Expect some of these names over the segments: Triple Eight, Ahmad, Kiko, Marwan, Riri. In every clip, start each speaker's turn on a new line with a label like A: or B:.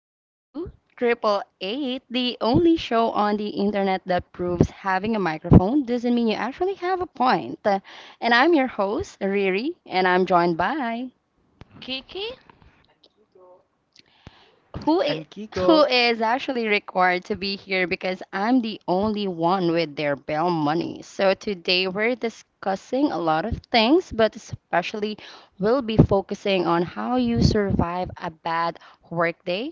A: Welcome to Triple Eight, the only show on the internet that proves having a microphone doesn't mean you actually have a point. And I'm your host, Riri, and I'm joined by
B: Kiki?
C: And Kiko,
A: who i- who is actually required to be here because I'm the only one with their bail money. So today we're discussing a lot of things, but especially we'll be focusing on how you survive a bad workday,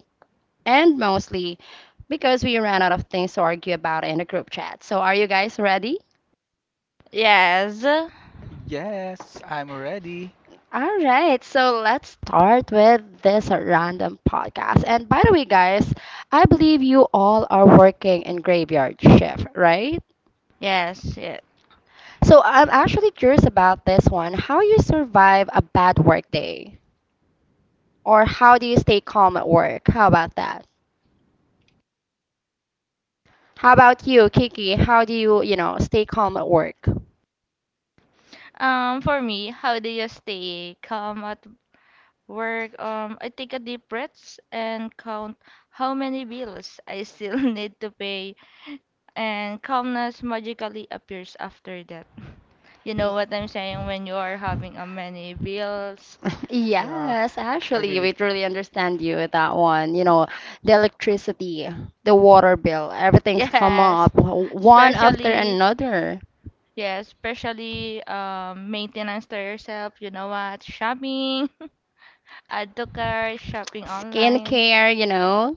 A: and mostly because we ran out of things to argue about in the group chat. So, are you guys ready?
B: Yes.
C: yes, I'm ready.
A: All right, so let's start with this random podcast. And by the way, guys, I believe you all are working in graveyard shift, right?
B: Yes, yeah.
A: So I'm actually curious about this one. How you survive a bad work day? Or how do you stay calm at work? How about that? How about you, Kiki? How do you, you know, stay calm at work?
B: For me, how do you stay calm at work? I take a deep breaths and count how many bills I still need to pay, and calmness magically appears after that. You know what I'm saying when you are having a many bills.
A: Yes, actually, we truly understand you with that one. You know, the electricity, the water bill, everything's come
B: Yes.
A: up one after
B: Especially,
A: another.
B: yeah, especially maintenance to yourself, you know what? Shopping, add to cart, shopping online.
A: Skincare, you know.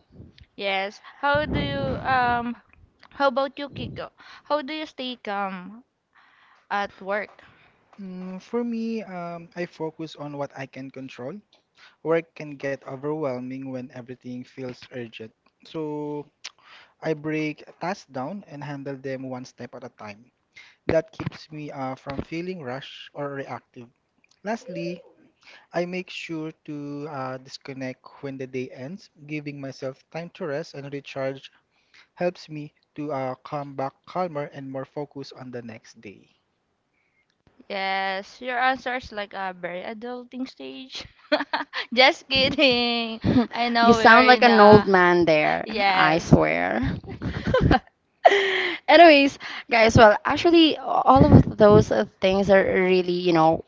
B: Yes. How about you, Kiko? How do you stay calm at work?
C: For me, I focus on what I can control. Work can get overwhelming when everything feels urgent. So I break tasks down and handle them one step at a time. That keeps me from feeling rushed or reactive. Lastly, I make sure to disconnect when the day ends. Giving myself time to rest and recharge helps me to come back calmer and more focused on the next day.
B: Yes, your answer is like a very adulting stage. Just kidding. I
A: You
B: know we are
A: sound like
B: in
A: an old
B: the
A: man there, I
B: yes.
A: swear. Anyways, guys, well, actually, all of those things are really, you know,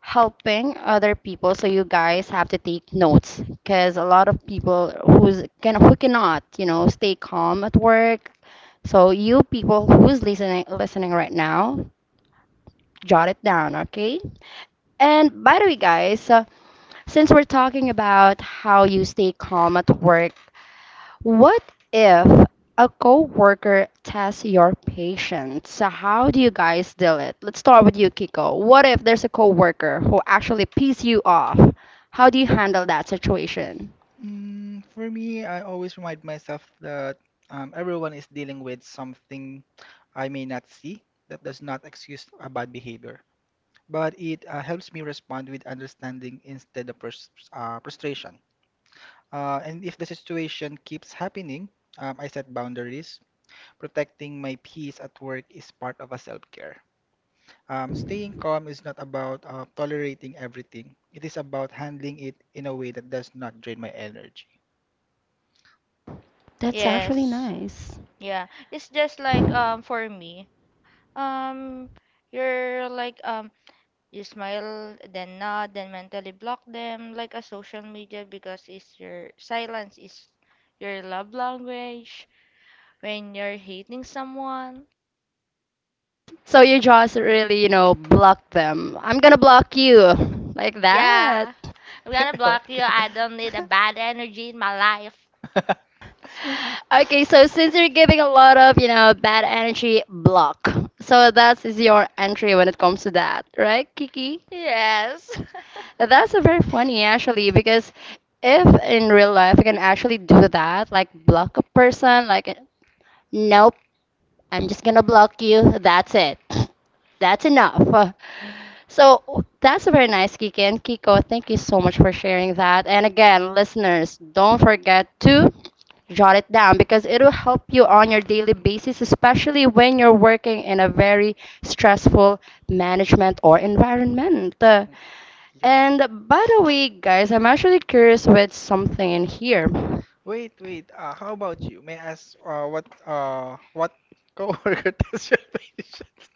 A: helping other people. So you guys have to take notes because a lot of people who cannot, you know, stay calm at work. So you people who's listening right now, jot it down, okay? And by the way, guys, since we're talking about how you stay calm at work, what if a coworker tests your patience? So how do you guys deal it? Let's start with you, Kiko. What if there's a coworker who actually pisses you off? How do you handle that situation?
C: For me, I always remind myself that everyone is dealing with something I may not see. That does not excuse a bad behavior, but it helps me respond with understanding instead of frustration. And if the situation keeps happening, I set boundaries. Protecting my peace at work is part of a self-care. Staying calm is not about tolerating everything. It is about handling it in a way that does not drain my energy.
A: That's actually
B: Yes.
A: nice.
B: Yeah. It's just like, for me. Um you're like, you smile then nod then mentally block them like a social media because it's your silence is your love language when you're hating someone.
A: So you just really, you know, block them. I'm gonna block you like that.
B: Yeah. I'm gonna block you. I don't need a bad energy in my life.
A: Okay, so since you're giving a lot of, you know, bad energy block. So that is your entry when it comes to that, right, Kiki?
B: Yes.
A: That's a very funny actually because if in real life you can actually do that, like block a person, like nope, I'm just gonna block you. That's it. That's enough. So that's a very nice, Kiki and Kiko. Thank you so much for sharing that. And again, listeners, don't forget to jot it down because it will help you on your daily basis, especially when you're working in a very stressful management or environment.
C: Yeah.
A: And by the way, guys, I'm actually curious with something in here.
C: Wait, wait. How about you? May I ask what coworker test your patient?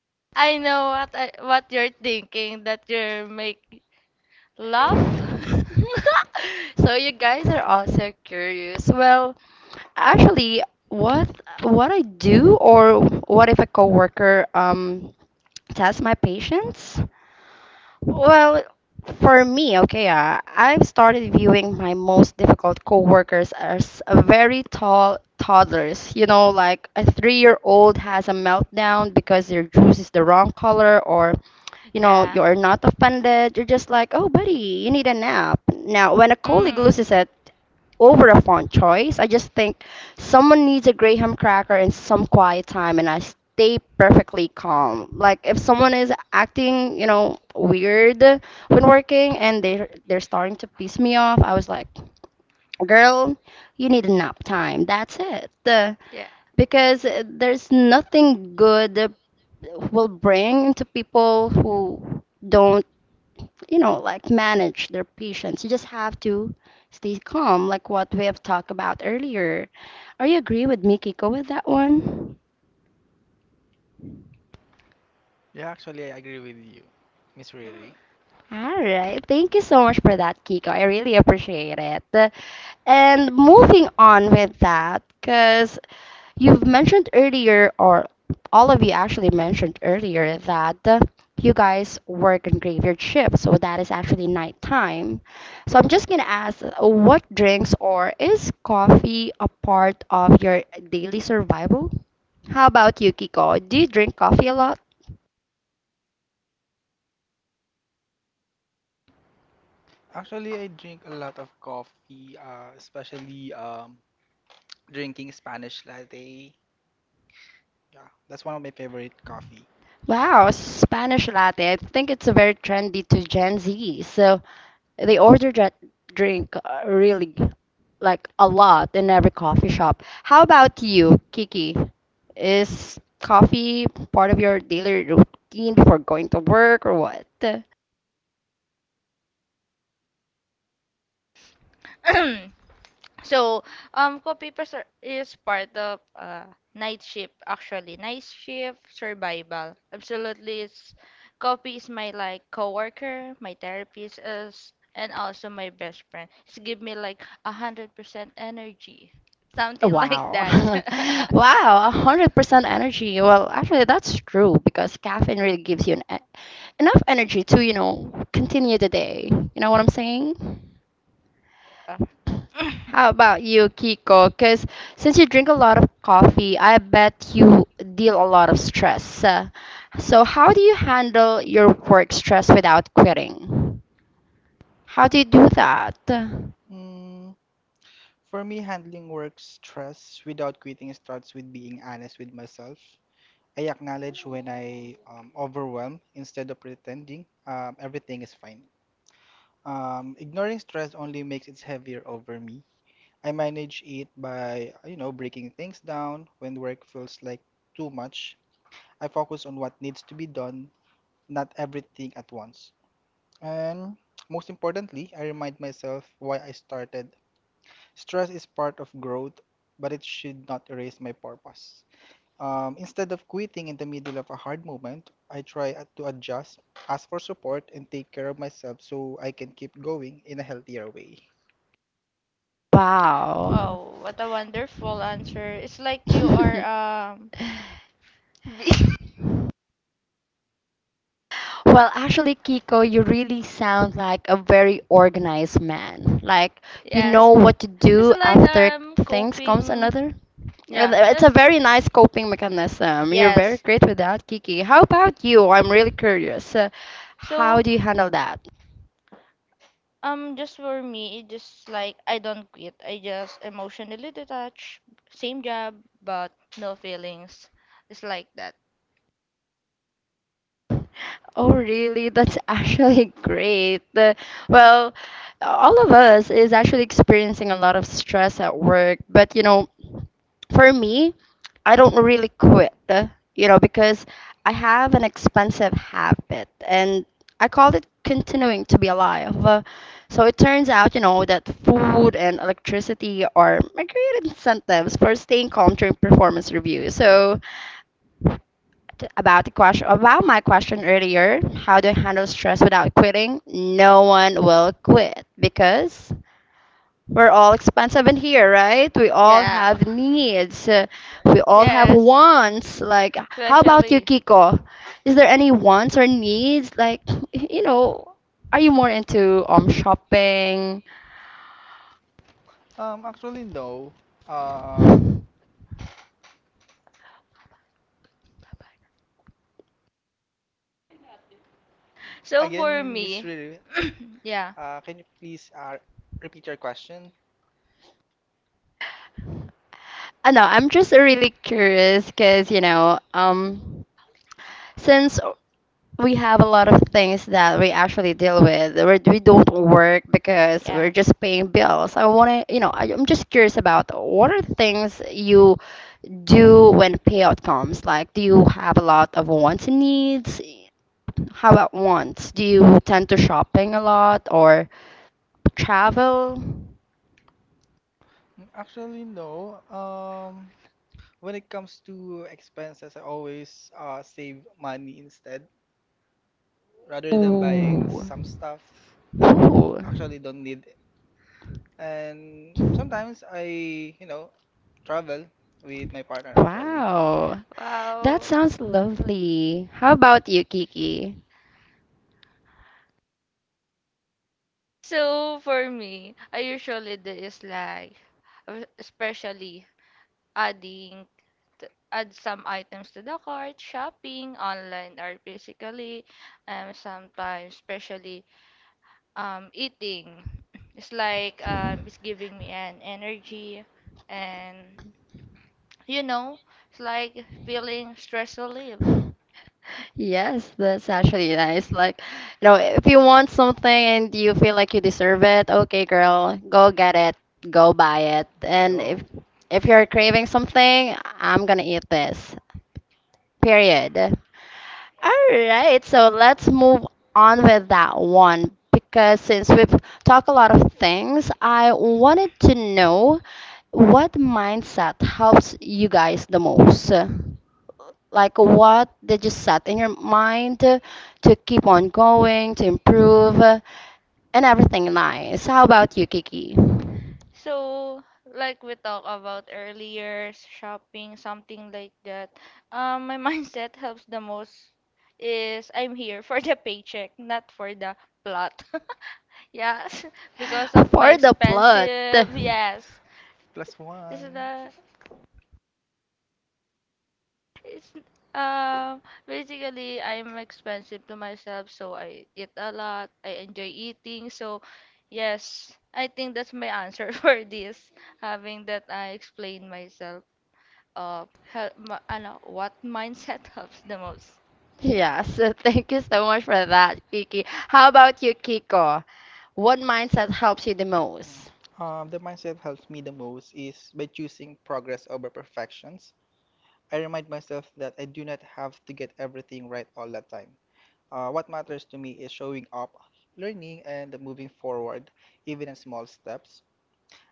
B: I know what you're thinking that you're make laugh.
A: So you guys are also curious. Well, actually, what what I do, or what if a coworker tests my patience? Well, for me, okay, I've started viewing my most difficult coworkers as a very tall toddlers. You know, like a three-year-old has a meltdown because their juice is the wrong color, or you know,
B: Yeah.
A: you're not offended. You're just like, oh, buddy, you need a nap. Now, when a colleague
B: Mm.
A: loses it over a font choice, I just think someone needs a graham cracker and some quiet time, and I stay perfectly calm. Like if someone is acting, you know, weird when working and they're starting to piss me off, I was like, "Girl, you need a nap time. That's it."
B: Yeah.
A: Because there's nothing good will bring to people who don't, you know, like manage their patience. You just have to stay calm, like what we have talked about earlier. Are you agree with me, Kiko, with that one?
C: Yeah, actually, I agree with you, Miss Riri.
A: All right. Thank you so much for that, Kiko. I really appreciate it. And moving on with that, because you've mentioned earlier, or all of you actually mentioned earlier, that you guys work in graveyard shift, so that is actually nighttime. So I'm just gonna ask, what drinks or is coffee a part of your daily survival? How about you, Kiko? Do you drink coffee a lot?
C: Actually, I drink a lot of coffee, especially drinking Spanish latte. Yeah, that's one of my favorite coffee.
A: Wow, Spanish latte. I think it's very trendy to Gen Z. So they order that drink really like a lot in every coffee shop. How about you, Kiki? Is coffee part of your daily routine for going to work or what?
B: So, co-papers is part of night shift actually. Night shift survival. Absolutely, it's copy is my like coworker, my therapist is, and also my best friend. It's give me like 100% energy, something like that.
A: Wow. Wow, 100% energy. Well, actually, that's true because caffeine really gives you an e enough energy to, you know, continue the day. You know what I'm saying? How about you, Kiko? Because since you drink a lot of coffee, I bet you deal a lot of stress. So, how do you handle your work stress without quitting? How do you do that?
C: Mm, For me, handling work stress without quitting starts with being honest with myself. I acknowledge when I overwhelmed instead of pretending everything is fine. Ignoring stress only makes it heavier over me. I manage it by, you know, breaking things down when work feels like too much. I focus on what needs to be done, not everything at once. And most importantly, I remind myself why I started. Stress is part of growth, but it should not erase my purpose. Instead of quitting in the middle of a hard moment, I to adjust, ask for support, and take care of myself so I can keep going in a healthier way.
A: Wow.
B: Oh, what a wonderful answer. It's like you are
A: Well, actually, Kiko, you really sound like a very organized man. Like you know
B: yes.
A: what to
B: It's
A: do
B: like
A: after things comes
B: coping.
A: another.
B: Yeah.
A: It's a
B: Yes.
A: very nice coping mechanism. You're very
B: Yes.
A: great with that, Kiki. How about you? I'm really curious. How
B: So
A: do you handle that?
B: just for me, it just like I don't quit. I just emotionally detach. Same job, but no feelings. It's like that.
A: Oh, really? That's actually great. Well, all of us is actually experiencing a lot of stress at work, but you know, for me, I don't really quit, you know, because I have an expensive habit and I call it continuing to be alive. So it turns out, you know, that food and electricity are my great incentives for staying calm during performance review. So, about the question about my question earlier, how do I handle stress without quitting? No one will quit because we're all expensive in here, right? We all
B: Yeah.
A: have needs. We all have
B: Yes.
A: wants. Like, how about you,
B: Especially.
A: Kiko? Is there any wants or needs? Like, you know, are you more into shopping?
C: Actually, no. Um,
B: So for
C: Again, Miss
B: me,
C: Riri,
B: yeah.
C: can you please repeat your question?
A: I know, I'm just really curious because, you know, since we have a lot of things that we actually deal with. We do not work because we're
B: Yeah.
A: just paying bills. I want to, you know, I'm just curious about what are things you do when payout comes? Like, do you have a lot of wants and needs? How about wants? Do you tend to shopping a lot or travel?
C: Actually, no. When it comes to expenses, I always save money instead, rather than buying
A: Ooh.
C: some stuff that
A: Ooh.
C: actually don't need it. And sometimes I, you know, travel with my partner actually.
A: Wow, that
B: Wow.
A: sounds lovely. How about you, Kiki?
B: So for me, I usually do is like, especially adding, t- add some items to the cart, shopping online or physically, sometimes especially eating. It's like it's giving me an energy, and you know, it's like feeling stress relief.
A: Yes, that's actually nice. Like, you know, if you want something and you feel like you deserve it, okay, girl, go get it, go buy it. And
C: Go.
A: if you're craving something, I'm gonna eat this. Period. All right, so let's move on with that one because since we've talked a lot of things, I wanted to know what mindset helps you guys the most. Like, what did you set in your mind to keep on going, to improve, and everything nice? How about you, Kiki?
B: So, like we talked about earlier, shopping, something like that. My mindset helps the most is I'm here for the paycheck, not for the plot. Yes, because of my
A: For the plot.
B: expensive. Yes,
C: Plus
B: it's
C: one.
B: the it's basically I'm expensive to myself, so I eat a lot. I enjoy eating, so yes, I think that's my answer for this, having that I explain myself. Know what mindset helps the most?
A: Yeah, so thank you so much for that, Kiki. How about you, Kiko? What mindset helps you the most?
C: Mm. The mindset helps me the most is by choosing progress over perfections. I remind myself that I do not have to get everything right all the time. What matters to me is showing up, learning, and moving forward, even in small steps.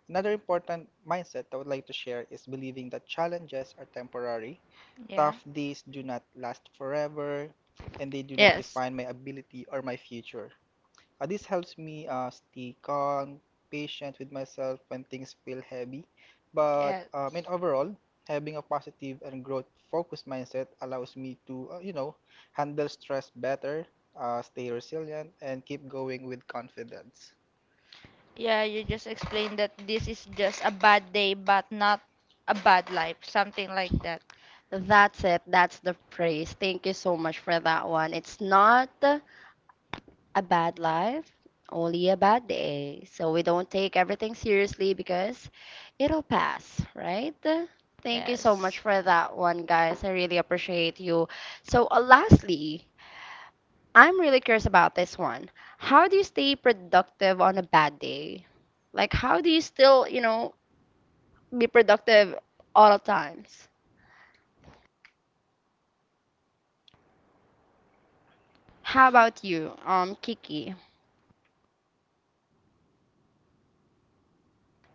C: Another important mindset I would like to share is believing that challenges are temporary.
B: Yeah.
C: Tough days do not last forever, and they do not
B: Yes.
C: define my ability or my future. This helps me stay calm, patient with myself when things feel heavy. But
B: Yes.
C: and overall, having a positive and growth-focused mindset allows me to, you know, handle stress better, stay resilient, and keep going with confidence.
B: Yeah, you just explained that this is just a bad day, but not a bad life, something like that.
A: That's it. That's the phrase. Thank you so much for that one. It's not a bad life, only a bad day. So we don't take everything seriously because it'll pass, right? Thank you so much
B: Yes.
A: for that one, guys. I really appreciate you. So, lastly, I'm really curious about this one. How do you stay productive on a bad day? Like, how do you still, you know, be productive all the times? How about you, Kiki?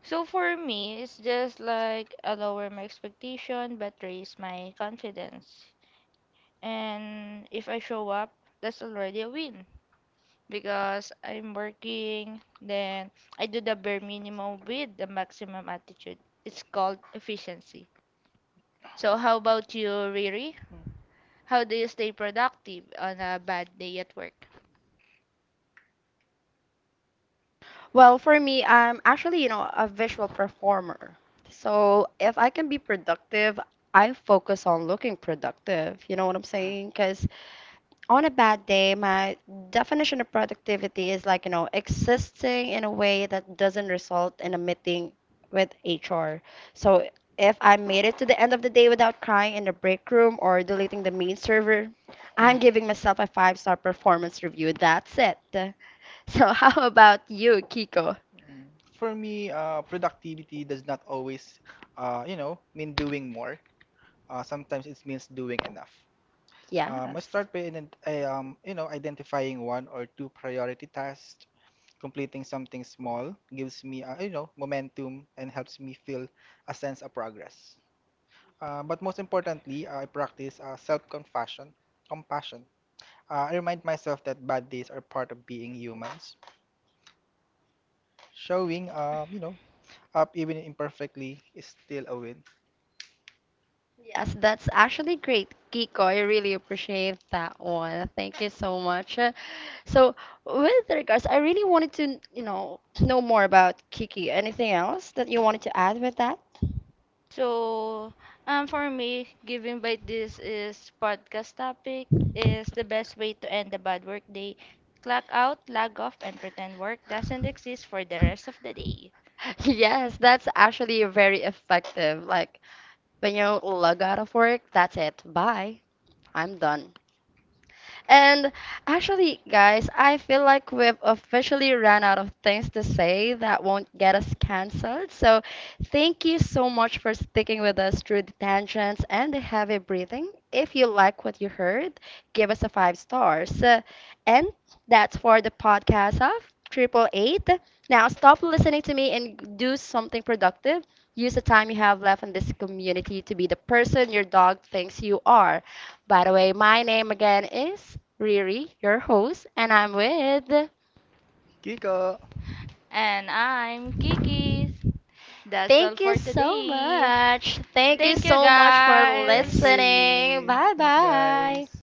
B: So for me, it's just like I lower my expectation but raise my confidence. And if I show up, that's already a win. Because I'm working, then I do the bare minimum with the maximum attitude. It's called efficiency. So, how about you, Riri?
C: Mm.
B: How do you stay productive on a bad day at work?
A: Well, for me, I'm actually, you know, a visual performer. So if I can be productive, I focus on looking productive. You know what I'm saying? Because on a bad day, my definition of productivity is like, you know, existing in a way that doesn't result in a meeting with HR. So if I made it to the end of the day without crying in the break room or deleting the main server, I'm giving myself a five-star performance review. That's it. So how about you, Kiko?
C: Mm. For me, productivity does not always, you know, mean doing more. Sometimes it means doing enough. I
A: Yes.
C: start by, you know, identifying one or two priority tasks. Completing something small gives me, you know, momentum and helps me feel a sense of progress. But most importantly, I practice self-compassion. Compassion. I remind myself that bad days are part of being humans. Showing, you know, up even imperfectly is still a win.
A: Yes, that's actually great, Kiko. I really appreciate that one. Thank you so much. So, with regards, I really wanted to, you know more about Kiki. Anything else that you wanted to add with that?
B: So, for me, giving by this is podcast topic is the best way to end a bad work day. Clock out, log off, and pretend work doesn't exist for the rest of the day.
A: Yes, that's actually very effective. Like when you log out of work, that's it. Bye. I'm done. And actually, guys, I feel like we've officially run out of things to say that won't get us canceled. So, thank you so much for sticking with us through the tangents and the heavy breathing. If you like what you heard, give us a five stars. And that's for the podcast of Triple Eight. Now, stop listening to me and do something productive. Use the time you have left in this community to be the person your dog thinks you are. By the way, my name again is Riri, your host, and I'm with.
C: Kiko!
B: And I'm Kiki. That's all
A: Thank you
B: for
A: so
B: today.
A: much. Thank you
B: Thank you,
A: so much for
C: Thanks,
B: guys.
A: listening.
C: Riri!
A: Bye
C: Thanks,
A: bye.
C: guys!